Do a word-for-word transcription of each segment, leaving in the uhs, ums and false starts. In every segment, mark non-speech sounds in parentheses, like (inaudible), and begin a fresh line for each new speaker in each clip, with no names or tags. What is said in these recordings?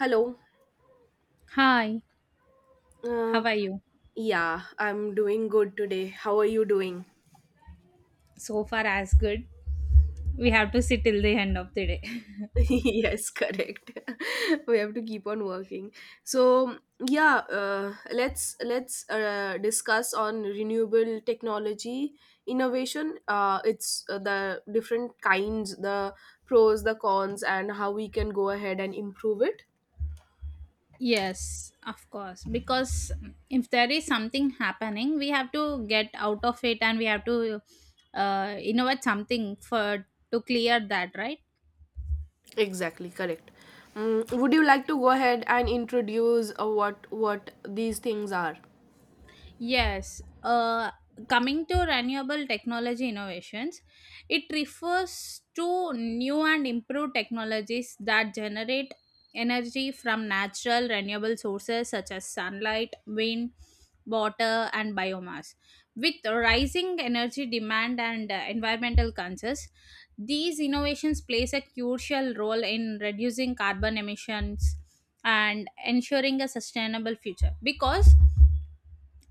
Hello.
Hi, how
Uh,
are you?
yeah, I'm doing good today. How are you doing?
So far, as good. We have to sit till the end of the day.
(laughs) Yes, correct. (laughs) We have to keep on working. So yeah, uh, let's let's uh, discuss on renewable technology innovation. Uh, it's uh, the different kinds, the pros, the cons, and how we can go ahead and improve it.
(laughs) Yes, of course. Because if there is something happening, we have to get out of it and we have to uh, innovate something for to clear that, right?
Exactly correct. Mm, would you like to go ahead and introduce uh, what what these things are?
Yes, uh, Coming to renewable technology innovations, it refers to new and improved technologies that generate energy from natural renewable sources such as sunlight, wind, water, and biomass. With rising energy demand and uh, environmental concerns, these innovations plays a crucial role in reducing carbon emissions and ensuring a sustainable future because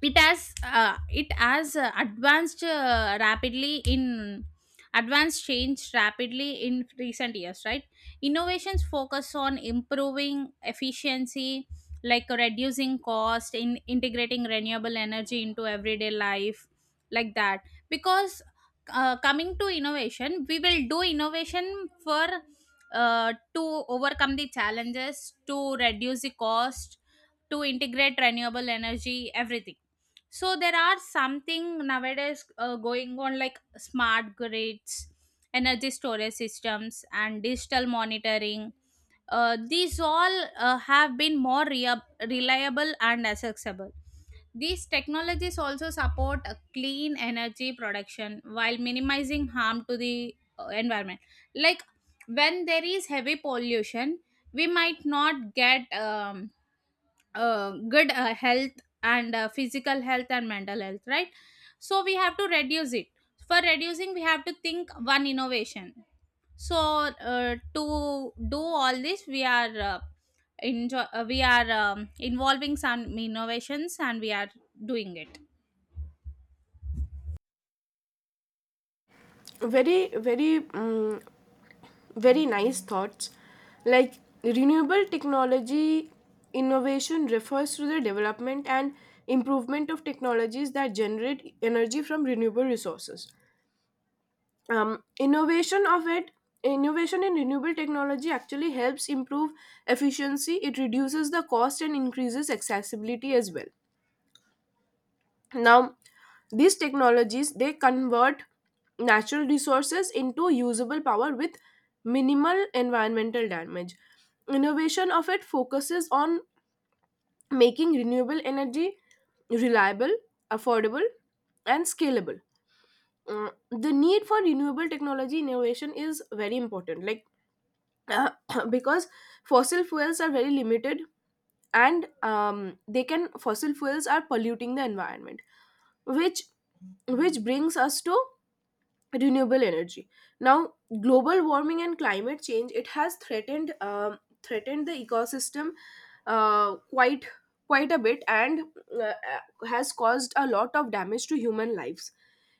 it has uh, it has uh, advanced uh, rapidly in advanced changed rapidly in recent years, right? Innovations focus on improving efficiency like reducing cost in integrating renewable energy into everyday life like that. Because uh, coming to innovation, we will do innovation for uh, to overcome the challenges, to reduce the cost, to integrate renewable energy, everything. So there are something nowadays uh, going on like smart grids, energy storage systems, and digital monitoring. Uh, these all uh, have been more rea- reliable and accessible. These technologies also support a clean energy production while minimizing harm to the uh, environment. Like when there is heavy pollution, we might not get um, uh, good uh, health, and uh, physical health and mental health, right? So we have to reduce it. For reducing, we have to think one innovation. So uh, to do all this, we are uh, enjoy uh, we are um, involving some innovations and we are doing it.
very very mm very nice thoughts. Like renewable technology innovation refers to the development and improvement of technologies that generate energy from renewable resources. Um, innovation of it Innovation in renewable technology actually helps improve efficiency. It reduces the cost and increases accessibility as well. Now, these technologies they convert natural resources into usable power with minimal environmental damage. Innovation of it focuses on making renewable energy reliable, affordable, and scalable. Uh, the need for renewable technology innovation is very important, like, (coughs) (clears throat) because fossil fuels are very limited and um, they can, fossil fuels are polluting the environment, which which brings us to renewable energy. Now global warming and climate change, it has threatened um, threatened the ecosystem uh, quite quite a bit, and uh, uh, has caused a lot of damage to human lives.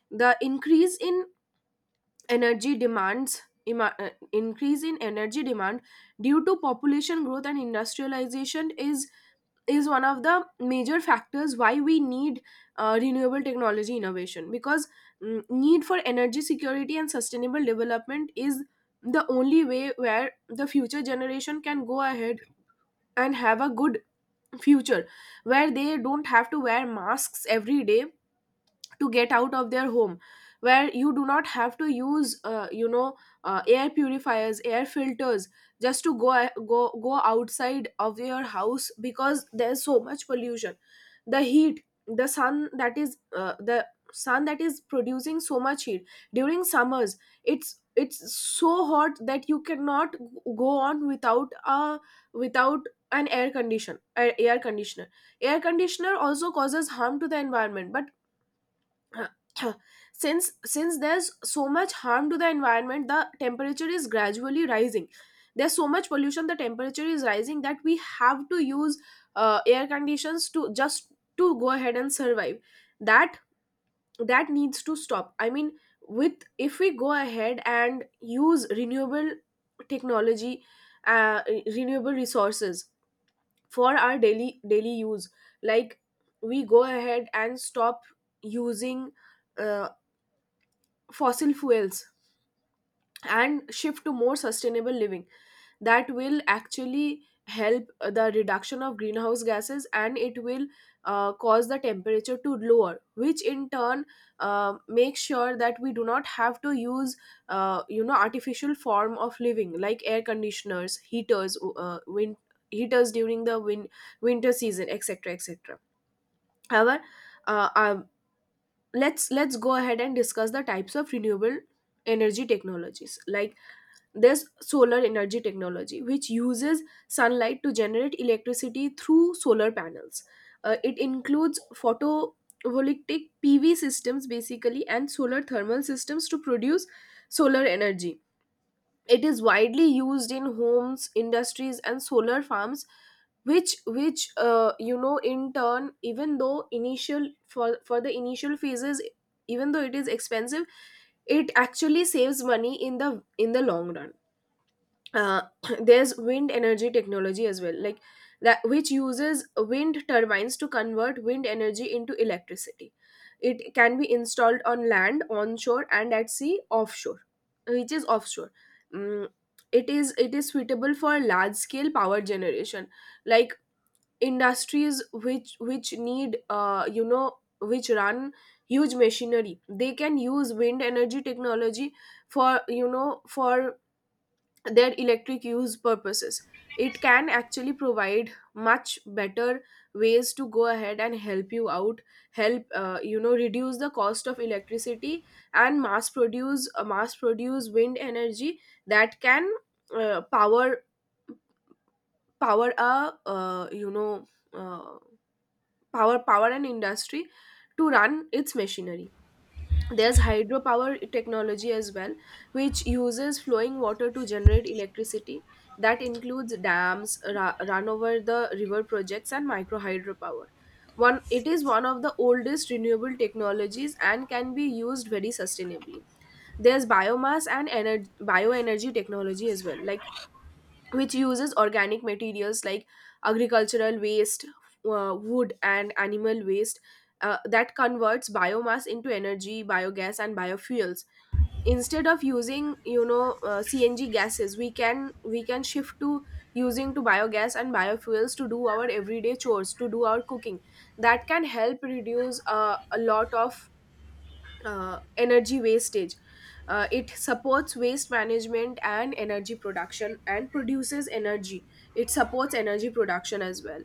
The increase in energy demands ima- uh, increase in energy demand due to population growth and industrialization is is one of the major factors why we need uh, renewable technology innovation, because mm, need for energy security and sustainable development is the only way where the future generation can go ahead and have a good future, where they don't have to wear masks every day to get out of their home, where you do not have to use uh, you know uh, air purifiers, air filters just to go go go outside of your house because there's so much pollution. The heat, the sun that is uh, the sun that is producing so much heat during summers, it's it's so hot that you cannot go on without a, without an air condition a- air conditioner. Air conditioner also causes harm to the environment, but (coughs) since since there's so much harm to the environment the temperature is gradually rising, there's so much pollution, the temperature is rising, that we have to use uh, air conditions to, just to go ahead and survive. That that needs to stop. I mean, with, if we go ahead and use renewable technology, uh, re- renewable resources for our daily daily use, like we go ahead and stop using uh, fossil fuels and shift to more sustainable living, that will actually help the reduction of greenhouse gases, and it will uh, cause the temperature to lower, which in turn uh, makes sure that we do not have to use uh, you know artificial form of living, like air conditioners, heaters, uh, wind heaters during the win- winter season, etc, etc. However, uh, uh, let's let's go ahead and discuss the types of renewable energy technologies. Like there's solar energy technology, which uses sunlight to generate electricity through solar panels. Uh, it includes photovoltaic pv systems basically, and solar thermal systems to produce solar energy. It is widely used in homes, industries, and solar farms, which which uh, you know in turn, even though initial for for the initial phases, even though it is expensive, it actually saves money in the, in the long run. uh, (clears throat) there's wind energy technology as well, like that, which uses wind turbines to convert wind energy into electricity. It can be installed on land, onshore, and at sea, offshore, which is offshore. Mm, it is it is suitable for large scale power generation. Like industries which which need, uh, you know which run huge machinery, they can use wind energy technology for, you know, for their electric use purposes. It can actually provide much better ways to go ahead and help you out, help, uh, you know reduce the cost of electricity and mass produce uh, mass produce wind energy that can uh, power power a uh, you know uh, power power an industry to run its machinery. There's hydropower technology as well, which uses flowing water to generate electricity. That includes dams, ra- run over the river projects, and micro hydropower. One, it is one of the oldest renewable technologies and can be used very sustainably. There's biomass and ener- bioenergy technology as well, like which uses organic materials like agricultural waste, uh, wood, and animal waste, uh, that converts biomass into energy, biogas, and biofuels. Instead of using, you know, uh, C N G gases, we can we can shift to using to biogas and biofuels to do our everyday chores, to do our cooking. That can help reduce uh, a lot of uh, energy wastage. Uh, it supports waste management and energy production, and produces energy. It supports energy production as well.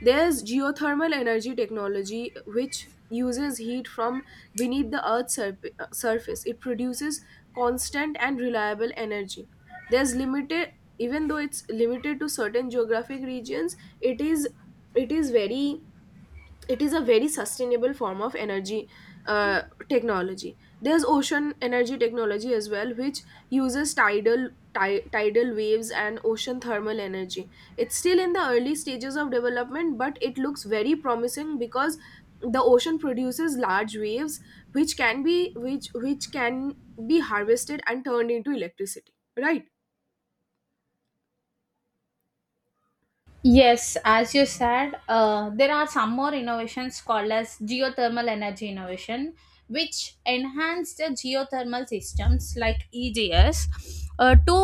There's geothermal energy technology which uses heat from beneath the earth's surf- uh, surface. It produces constant and reliable energy. There's limited, even though it's limited to certain geographic regions, it is it is very it is a very sustainable form of energy uh, technology. There's ocean energy technology as well, which uses tidal, ti- tidal waves and ocean thermal energy. It's still in the early stages of development, but it looks very promising because the ocean produces large waves, which can be which which can be harvested and turned into electricity, right?
Yes, as you said, uh, there are some more innovations called as geothermal energy innovation, which enhance the geothermal systems like E G S, uh, to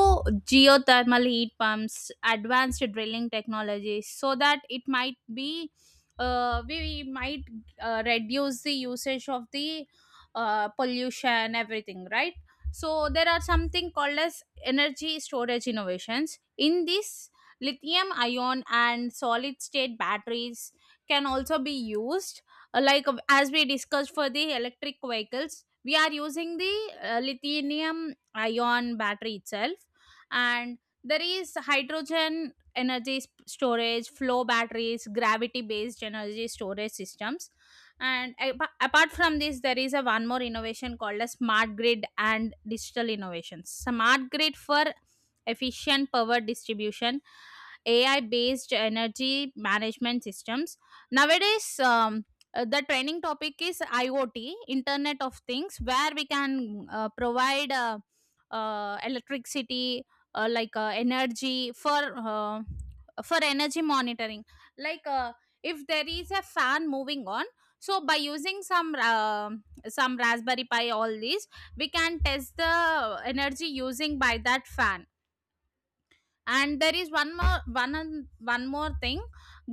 geothermal heat pumps, advanced drilling technologies, so that it might be uh, we might uh, reduce the usage of the uh, pollution, everything, right? So there are something called as energy storage innovations. In this, lithium ion and solid state batteries can also be used. Uh, Like uh, as we discussed for the electric vehicles, we are using the uh, lithium ion battery itself. And there is hydrogen energy sp- storage, flow batteries, gravity based energy storage systems. And apa- apart from this, there is a one more innovation called a smart grid and digital innovations. Smart grid for efficient power distribution, A I based energy management systems. Nowadays, um, uh, the training topic is IoT, Internet of Things, where we can uh, provide uh, uh, electricity, uh, like uh, energy for uh, for energy monitoring. Like uh, if there is a fan moving on, so by using some uh, some Raspberry Pi, all these, we can test the energy using by that fan. And there is one more one an- one more thing,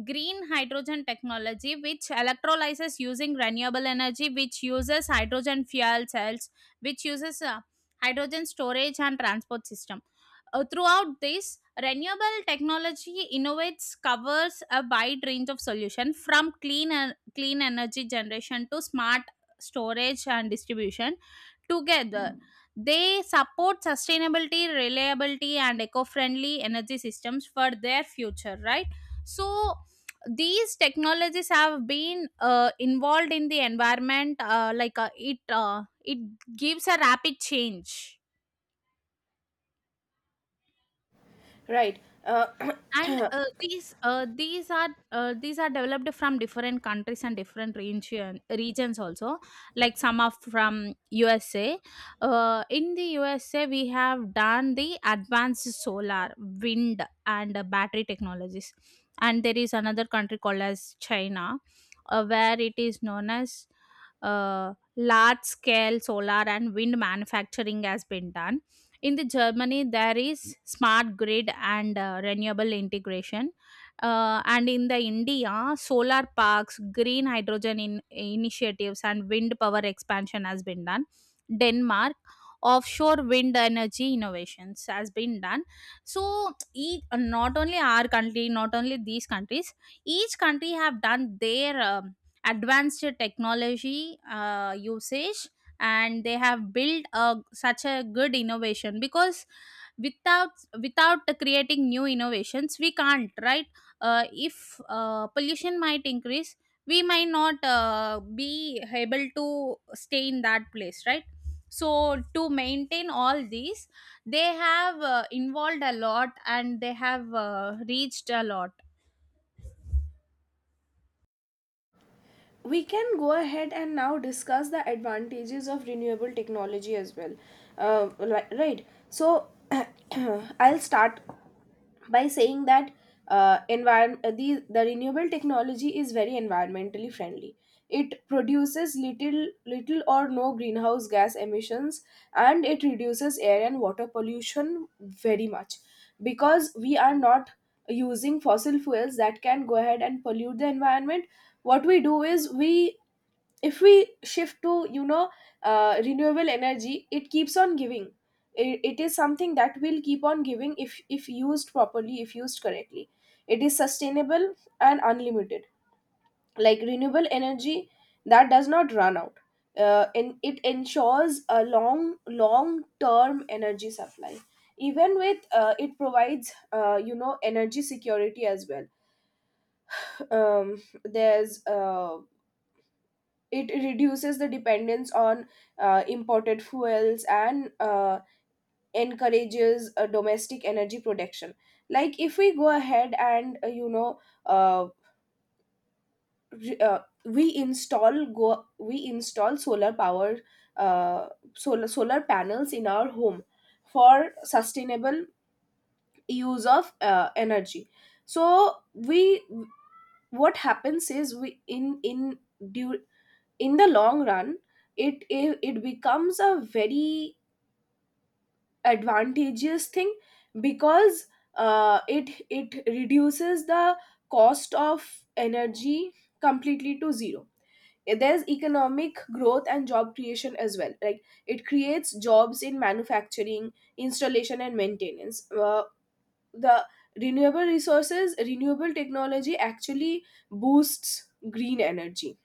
green hydrogen technology which electrolyzes using renewable energy, which uses hydrogen fuel cells, which uses uh, hydrogen storage and transport system. Uh, throughout this, renewable technology innovates covers a wide range of solution from clean en- clean energy generation to smart storage and distribution. Together, they support sustainability, reliability, and eco friendly energy systems for their future, right? So these technologies have been uh, involved in the environment, uh, like uh, it, uh, it gives a rapid change.
Right. Uh,
And uh, these uh, these are uh, these are developed from different countries and different region, regions also, like some are from USA. Uh, in the USA, we have done the advanced solar, wind, and uh, battery technologies. And there is another country called as China, uh, where it is known as uh, large scale solar and wind manufacturing has been done. In the Germany, there is smart grid and uh, renewable integration. Uh, and in the India, solar parks, green hydrogen in- initiatives, and wind power expansion has been done. Denmark, offshore wind energy innovations has been done. So, e- not only our country, not only these countries, each country have done their um, advanced technology uh, usage, and they have built a such a good innovation. Because without, without creating new innovations, we can't, right? Uh, if uh, pollution might increase, we might not uh, be able to stay in that place, right? So to maintain all these, they have uh, involved a lot and they have uh, reached a lot.
we can go ahead and now discuss the advantages of renewable technology as well. Uh, li- right, so (clears throat) I'll start by saying that uh, environment the, the renewable technology is very environmentally friendly. It produces little little or no greenhouse gas emissions, and it reduces air and water pollution very much, because we are not using fossil fuels that can go ahead and pollute the environment. What we do is, we, if we shift to, you know, uh, renewable energy, it keeps on giving. It, it is something that will keep on giving, if if used properly, if used correctly. It is sustainable and unlimited, like renewable energy that does not run out. Uh, and it ensures a long long term energy supply. Even with, uh, it provides, uh, you know energy security as well. Um, there's, uh, it reduces the dependence on uh, imported fuels, and uh, encourages uh, domestic energy production. Like if we go ahead and, uh, you know uh, re- uh, we install go we install solar power, uh, solar solar panels in our home for sustainable use of uh, energy. So we, what happens is we in in due, in the long run it, it, it becomes a very advantageous thing, because uh, it it reduces the cost of energy completely to zero. There's economic growth and job creation as well, like it creates jobs in manufacturing, installation, and maintenance. Uh, the renewable resources renewable technology actually boosts green energy,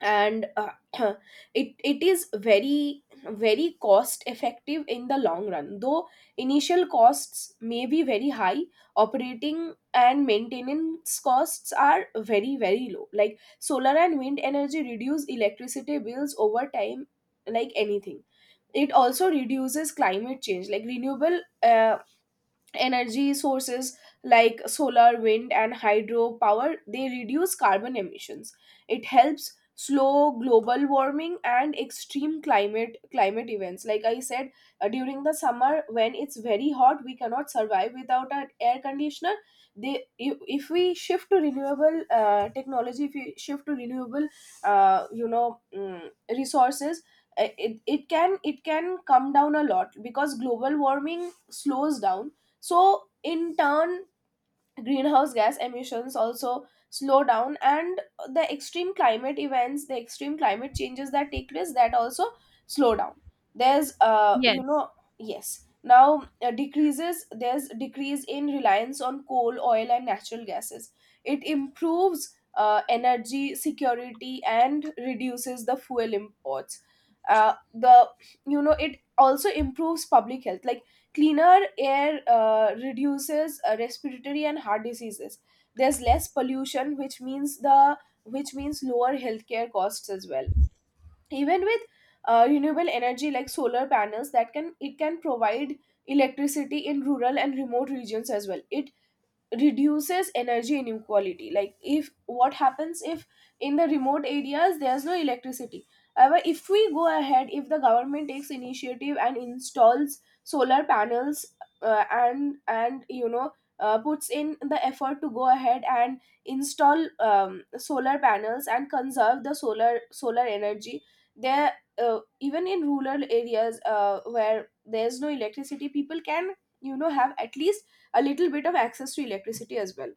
and uh, (clears throat) it it is very very cost effective in the long run, though initial costs may be very high. Operating and maintenance costs are very very low, like solar and wind energy reduce electricity bills over time, like anything. It also reduces climate change, like renewable uh, energy sources like solar, wind, and hydropower, they reduce carbon emissions. It helps slow global warming and extreme climate climate events. Like I said, uh, during the summer when it's very hot, we cannot survive without an air conditioner. They, if if we shift to renewable uh, technology, if we shift to renewable, uh, you know mm, resources, uh, it, it can it can come down a lot because global warming slows down. So, in turn, greenhouse gas emissions also slow down, and the extreme climate events, the extreme climate changes that take place, that also slow down. There's, uh, you
Yes.
know, yes. Now, uh, decreases, there's decrease in reliance on coal, oil, and natural gases. It improves uh, energy security and reduces the fuel imports. Uh, the, you know, it also improves public health. Like cleaner air uh, reduces uh, respiratory and heart diseases. There's less pollution, which means the which means lower healthcare costs as well. Even with uh, renewable energy like solar panels, that can it can provide electricity in rural and remote regions as well. It reduces energy inequality. Like, if what happens if in the remote areas there's no electricity? However, if we go ahead, if the government takes initiative and installs solar panels, uh, and and you know uh, puts in the effort to go ahead and install um, solar panels and conserve the solar solar energy there, uh, even in rural areas uh, where there's no electricity, people can, you know, have at least a little bit of access to electricity as well.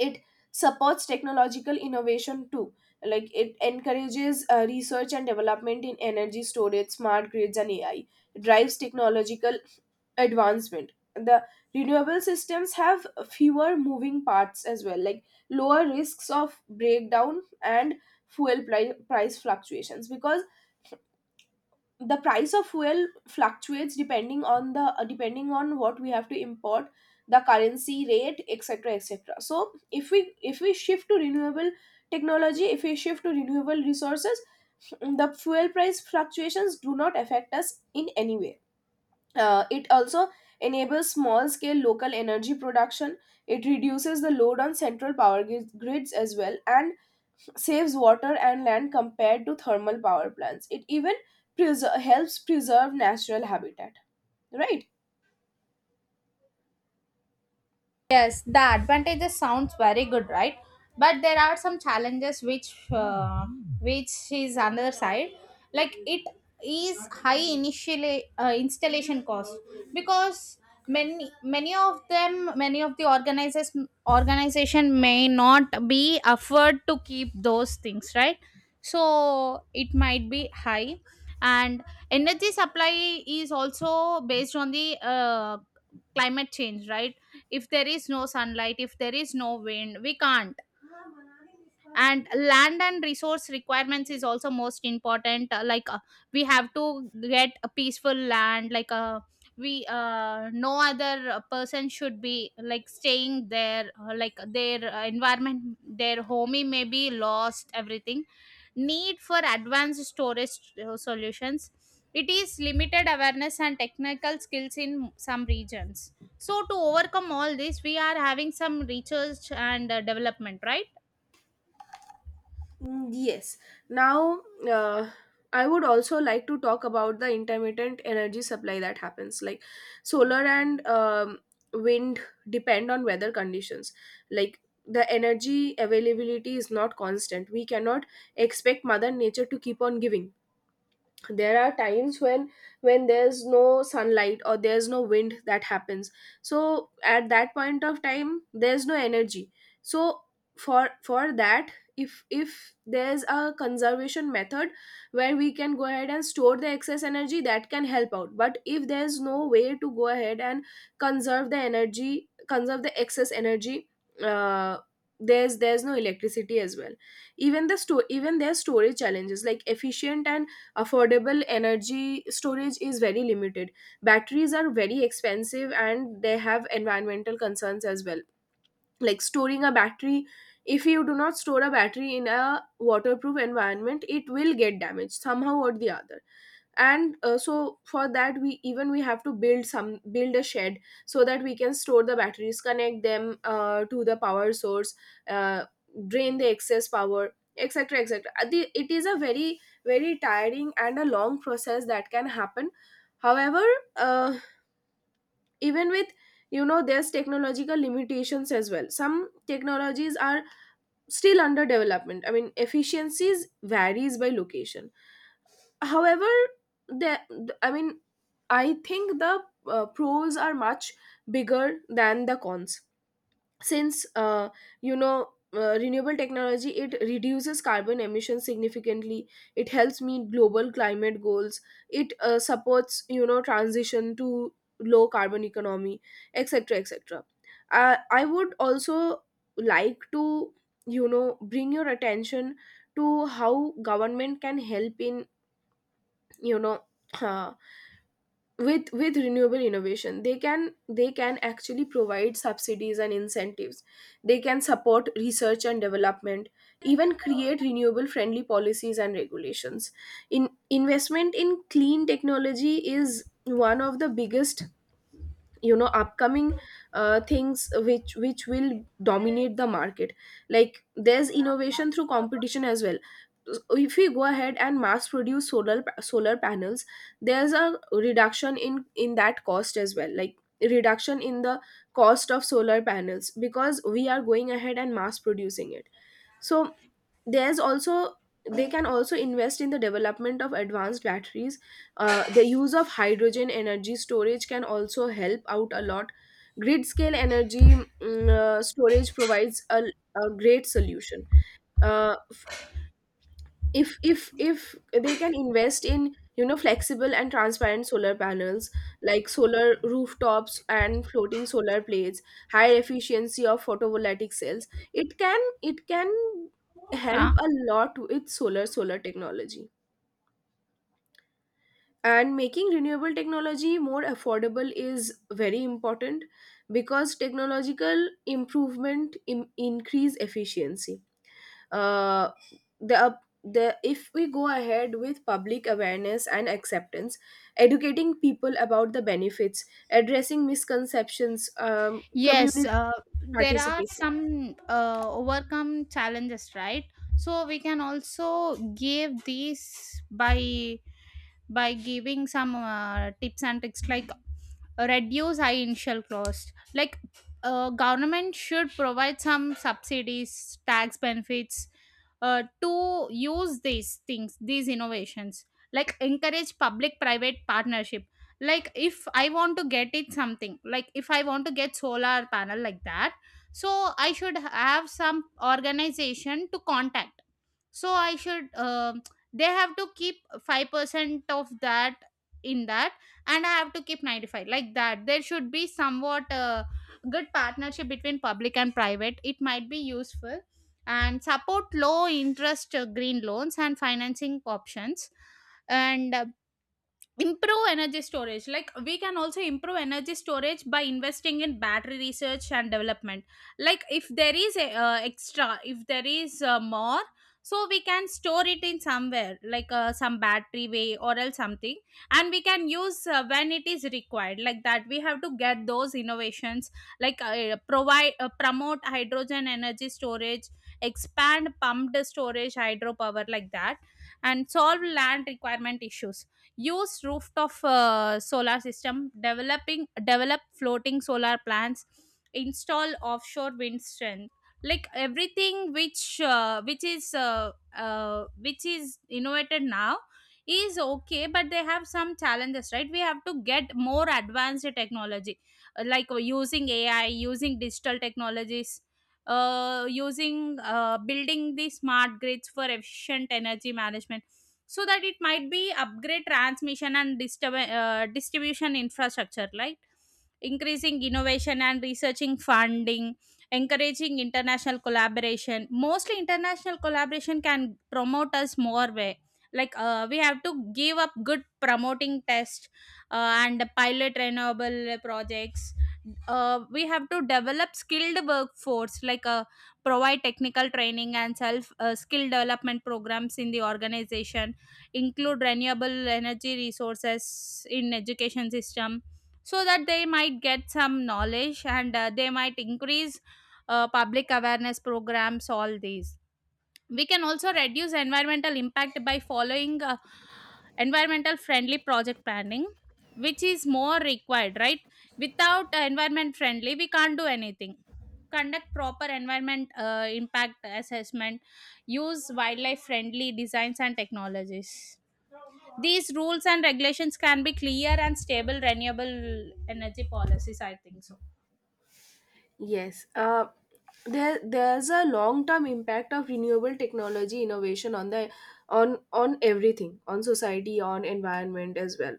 It supports technological innovation too. Like, it encourages uh, research and development in energy storage, smart grids and A I. It drives technological advancement. The renewable systems have fewer moving parts as well, like lower risks of breakdown and fuel pri- price fluctuations, because the price of fuel fluctuates depending on the uh, depending on what we have to import, the currency rate, etc, etc. So if we if we shift to renewable technology, if we shift to renewable resources, the fuel price fluctuations do not affect us in any way. Uh, it also enables small scale local energy production. It reduces the load on central power gri- grids as well, and saves water and land compared to thermal power plants. It even preser- helps preserve natural habitat. Right?
Yes, the advantages sounds very good, right? But there are some challenges which uh, which is another side. Like it is high initial uh, installation cost, because many many of them many of the organizers organization may not be afford to keep those things, right? So it might be high, and energy supply is also based on the uh, climate change, right? If there is no sunlight, if there is no wind, we can't. And land and resource requirements is also most important, uh, like uh, we have to get a peaceful land, like uh, we uh, no other uh, person should be like staying there, uh, like their uh, environment, their homey may be lost, everything. Need for advanced storage uh, solutions. It is limited awareness and technical skills in some regions, so to overcome all this, we are having some research and uh, development, right?
Mm, yes. Now, uh, I would also like to talk about the intermittent energy supply that happens. Like, solar and um, wind depend on weather conditions. Like, the energy availability is not constant. We cannot expect Mother Nature to keep on giving. There are times when when there's no sunlight or there's no wind, that happens. So at that point of time there's no energy. So for for that, if if there's a conservation method where we can go ahead and store the excess energy, that can help out. But if there's no way to go ahead and conserve the energy conserve the excess energy, uh, there's there's no electricity as well. Even the store even there's storage challenges, like efficient and affordable energy storage is very limited. Batteries are very expensive and they have environmental concerns as well. Like, storing a battery, if you do not store a battery in a waterproof environment, it will get damaged somehow or the other. And uh, so for that we, even we have to build some build a shed so that we can store the batteries, connect them uh, to the power source, uh, drain the excess power, etc, etc. Uh, the- it is a very, very tiring and a long process that can happen. However, uh, even with, you know, there's technological limitations as well. Some technologies are still under development, I mean, efficiencies varies by location. However, the I mean I think the uh, pros are much bigger than the cons, since, uh, you know uh, renewable technology, it reduces carbon emissions significantly. It helps meet global climate goals. It uh, supports, you know, transition to low carbon economy, etc, etc. uh, i would also like to, you know, bring your attention to how government can help in, you know uh, with with renewable innovation. They can they can actually provide subsidies and incentives. They can support research and development, even create renewable friendly policies and regulations. In investment in clean technology is one of the biggest, you know, upcoming uh, things which which will dominate the market. Like, there's innovation through competition as well. So if we go ahead and mass produce solar pa- solar panels, there's a reduction in in that cost as well, like reduction in the cost of solar panels because we are going ahead and mass producing it. So there's also, they can also invest in the development of advanced batteries. Uh, the use of hydrogen energy storage can also help out a lot. Grid scale energy, mm, uh, storage provides a, a great solution. Uh, if if if they can invest in, you know, flexible and transparent solar panels, like solar rooftops and floating solar plates, higher efficiency of photovoltaic cells, it can it can help
Yeah.
a lot with solar solar technology. And making renewable technology more affordable is very important, because technological improvement im- increase efficiency. Uh, the up the If we go ahead with public awareness and acceptance, educating people about the benefits, addressing misconceptions, um,
Yes,
community
uh, there are
participation.
some uh, overcome challenges, right? So we can also give these by by giving some uh, tips and tricks, like reduce high initial cost, like uh, government should provide some subsidies, tax benefits, uh, to use these things, these innovations. Like encourage public private partnership, like if I want to get it something, like if I want to get solar panel like that, so I should have some organization to contact. So I should um they have to keep five percent of that in that, and I have to keep ninety-five like that. There should be somewhat a good partnership between public and private. It might be useful. And support low interest uh, green loans and financing options. And uh, improve energy storage, like we can also improve energy storage by investing in battery research and development. Like if there is a uh, extra, if there is uh, more, so we can store it in somewhere like uh, some battery way or else something, and we can use uh, when it is required, like that we have to get those innovations. Like uh, provide, uh, promote hydrogen energy storage, expand pumped storage hydropower like that. And solve land requirement issues, use rooftop uh, solar system, developing develop floating solar plants, install offshore wind strength. Like everything which uh, which is uh, uh, which is innovated now is okay, but they have some challenges, right? We have to get more advanced technology, uh, like uh, using AI, using digital technologies, uh, using uh, building the smart grids for efficient energy management, so that it might be upgrade transmission and distrib- uh, distribution infrastructure, right? Increasing innovation and researching funding, encouraging international collaboration. Mostly international collaboration can promote us more way, like uh, we have to give up good promoting test uh, and pilot renewable projects. Uh, we have to develop skilled workforce, like uh, provide technical training and self uh, skill development programs in the organization, include renewable energy resources in education system, so that they might get some knowledge and uh, they might increase uh, public awareness programs, all these. We can also reduce environmental impact by following uh, environmental friendly project planning, which is more required, right? Without uh, environment friendly, we can't do anything. Conduct proper environment uh, impact assessment, use wildlife friendly designs and technologies. These rules and regulations can be clear and stable renewable energy policies, I think so.
Yes, uh, there there's a long term impact of renewable technology innovation on the, on on everything, on society, on environment as well,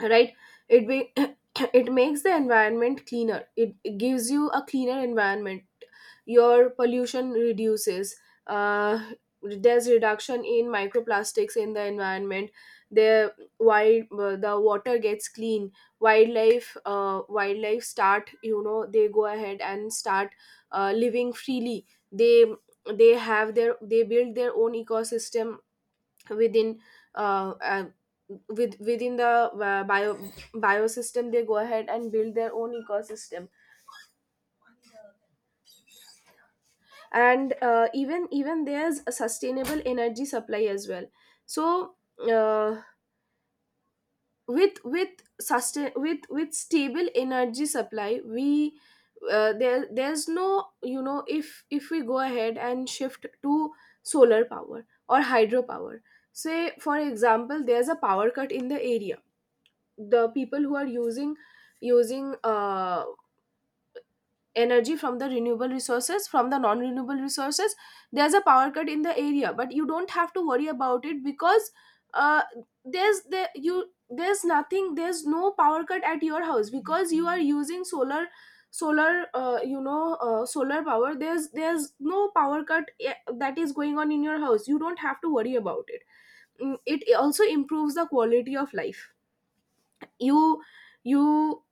right? It be, (coughs) (clears throat) it makes the environment cleaner, it, it gives you a cleaner environment. Your pollution reduces. Uh, there's reduction in microplastics in the environment. The wild uh, the water gets clean. wildlife uh, wildlife start, you know, they go ahead and start uh, living freely. they they have their they build their own ecosystem within, uh, uh, with within the uh, bio biosystem, they go ahead and build their own ecosystem. And uh, even even there's a sustainable energy supply as well. So uh, with with sustain with with stable energy supply we, uh, there there's no you know, if if we go ahead and shift to solar power or hydropower, say for example there's a power cut in the area, the people who are using using uh, energy from the renewable resources, from the non renewable resources, there's a power cut in the area, but you don't have to worry about it, because uh, there's there you there's nothing, there's no power cut at your house because you are using solar solar uh, you know uh, solar power. There's there's no power cut eh, that is going on in your house. You don't have to worry about it. Mm, it also improves the quality of life. you you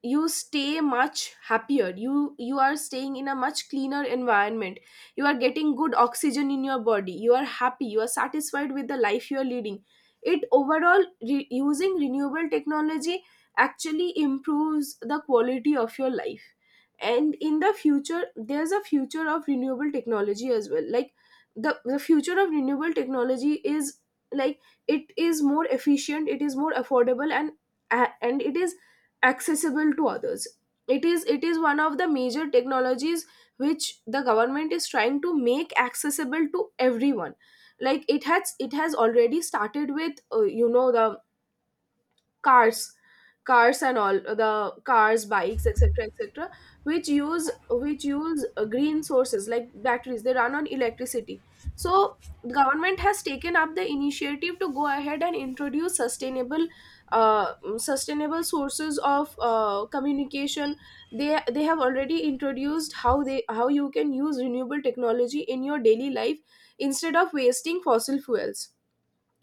you stay much happier, you you are staying in a much cleaner environment. You are getting good oxygen in your body, you are happy, you are satisfied with the life you are leading. It overall, re- using renewable technology actually improves the quality of your life. And in the future, there's a future of renewable technology as well. Like, the the future of renewable technology is, like, it is more efficient, it is more affordable, and and it is accessible to others. It is it is one of the major technologies which the government is trying to make accessible to everyone. Like, it has it has already started with, uh, you know, the cars cars and all the cars, bikes, etc, etc, which use which use uh, green sources like batteries, they run on electricity. So the government has taken up the initiative to go ahead and introduce sustainable uh, sustainable sources of uh, communication. they they have already introduced how they how you can use renewable technology in your daily life, instead of wasting fossil fuels,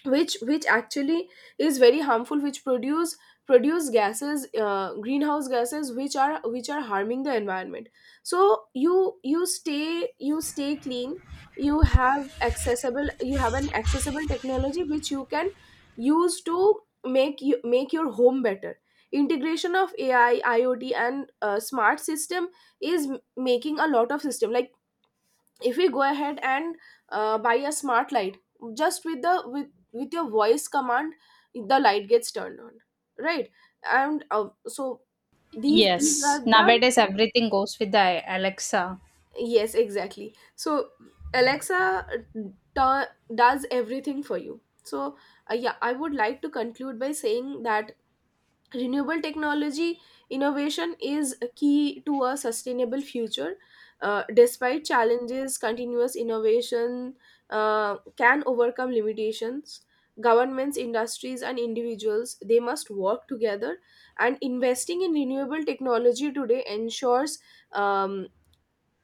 which which actually is very harmful, which produce produce gases, uh, greenhouse gases, which are which are harming the environment. So you, you stay you stay clean. you have accessible you have an accessible technology which you can use to make you make your home better. Integration of A I, I o T and uh, smart system is m- making a lot of system. Like, if we go ahead and uh, buy a smart light, just with the, with with your voice command, the light gets turned on, right? And uh, so these these are
Yes,
the,
nowadays everything goes with the Alexa.
yes, exactly. So Alexa, tu- does everything for you. So uh, yeah, I would like to conclude by saying that renewable technology innovation is a key to a sustainable future. Uh, despite challenges, continuous innovation uh, can overcome limitations. Governments, industries and individuals, they must work together. And investing in renewable technology today ensures, um,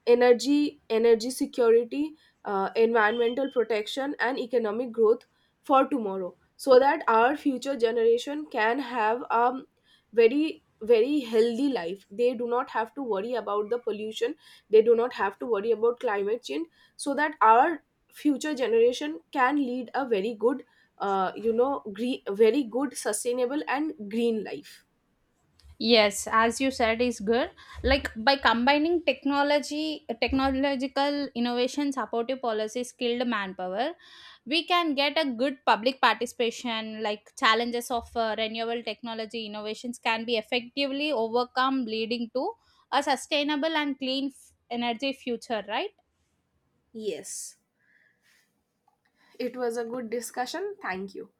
energy energy security, uh, environmental protection and economic growth for tomorrow, so that our future generation can have a very, very healthy life. They do not have to worry about the pollution, they do not have to worry about climate change. So that our future generation can lead a very good, uh, you know, green, very good sustainable and green life.
Yes, as you said, is good. Like by combining technology, technological innovation, supportive policy, skilled manpower, we can get a good public participation. Like challenges of uh, renewable technology innovations can be effectively overcome, leading to a sustainable and clean f- energy future. Right.
Yes, it was a good discussion, thank you.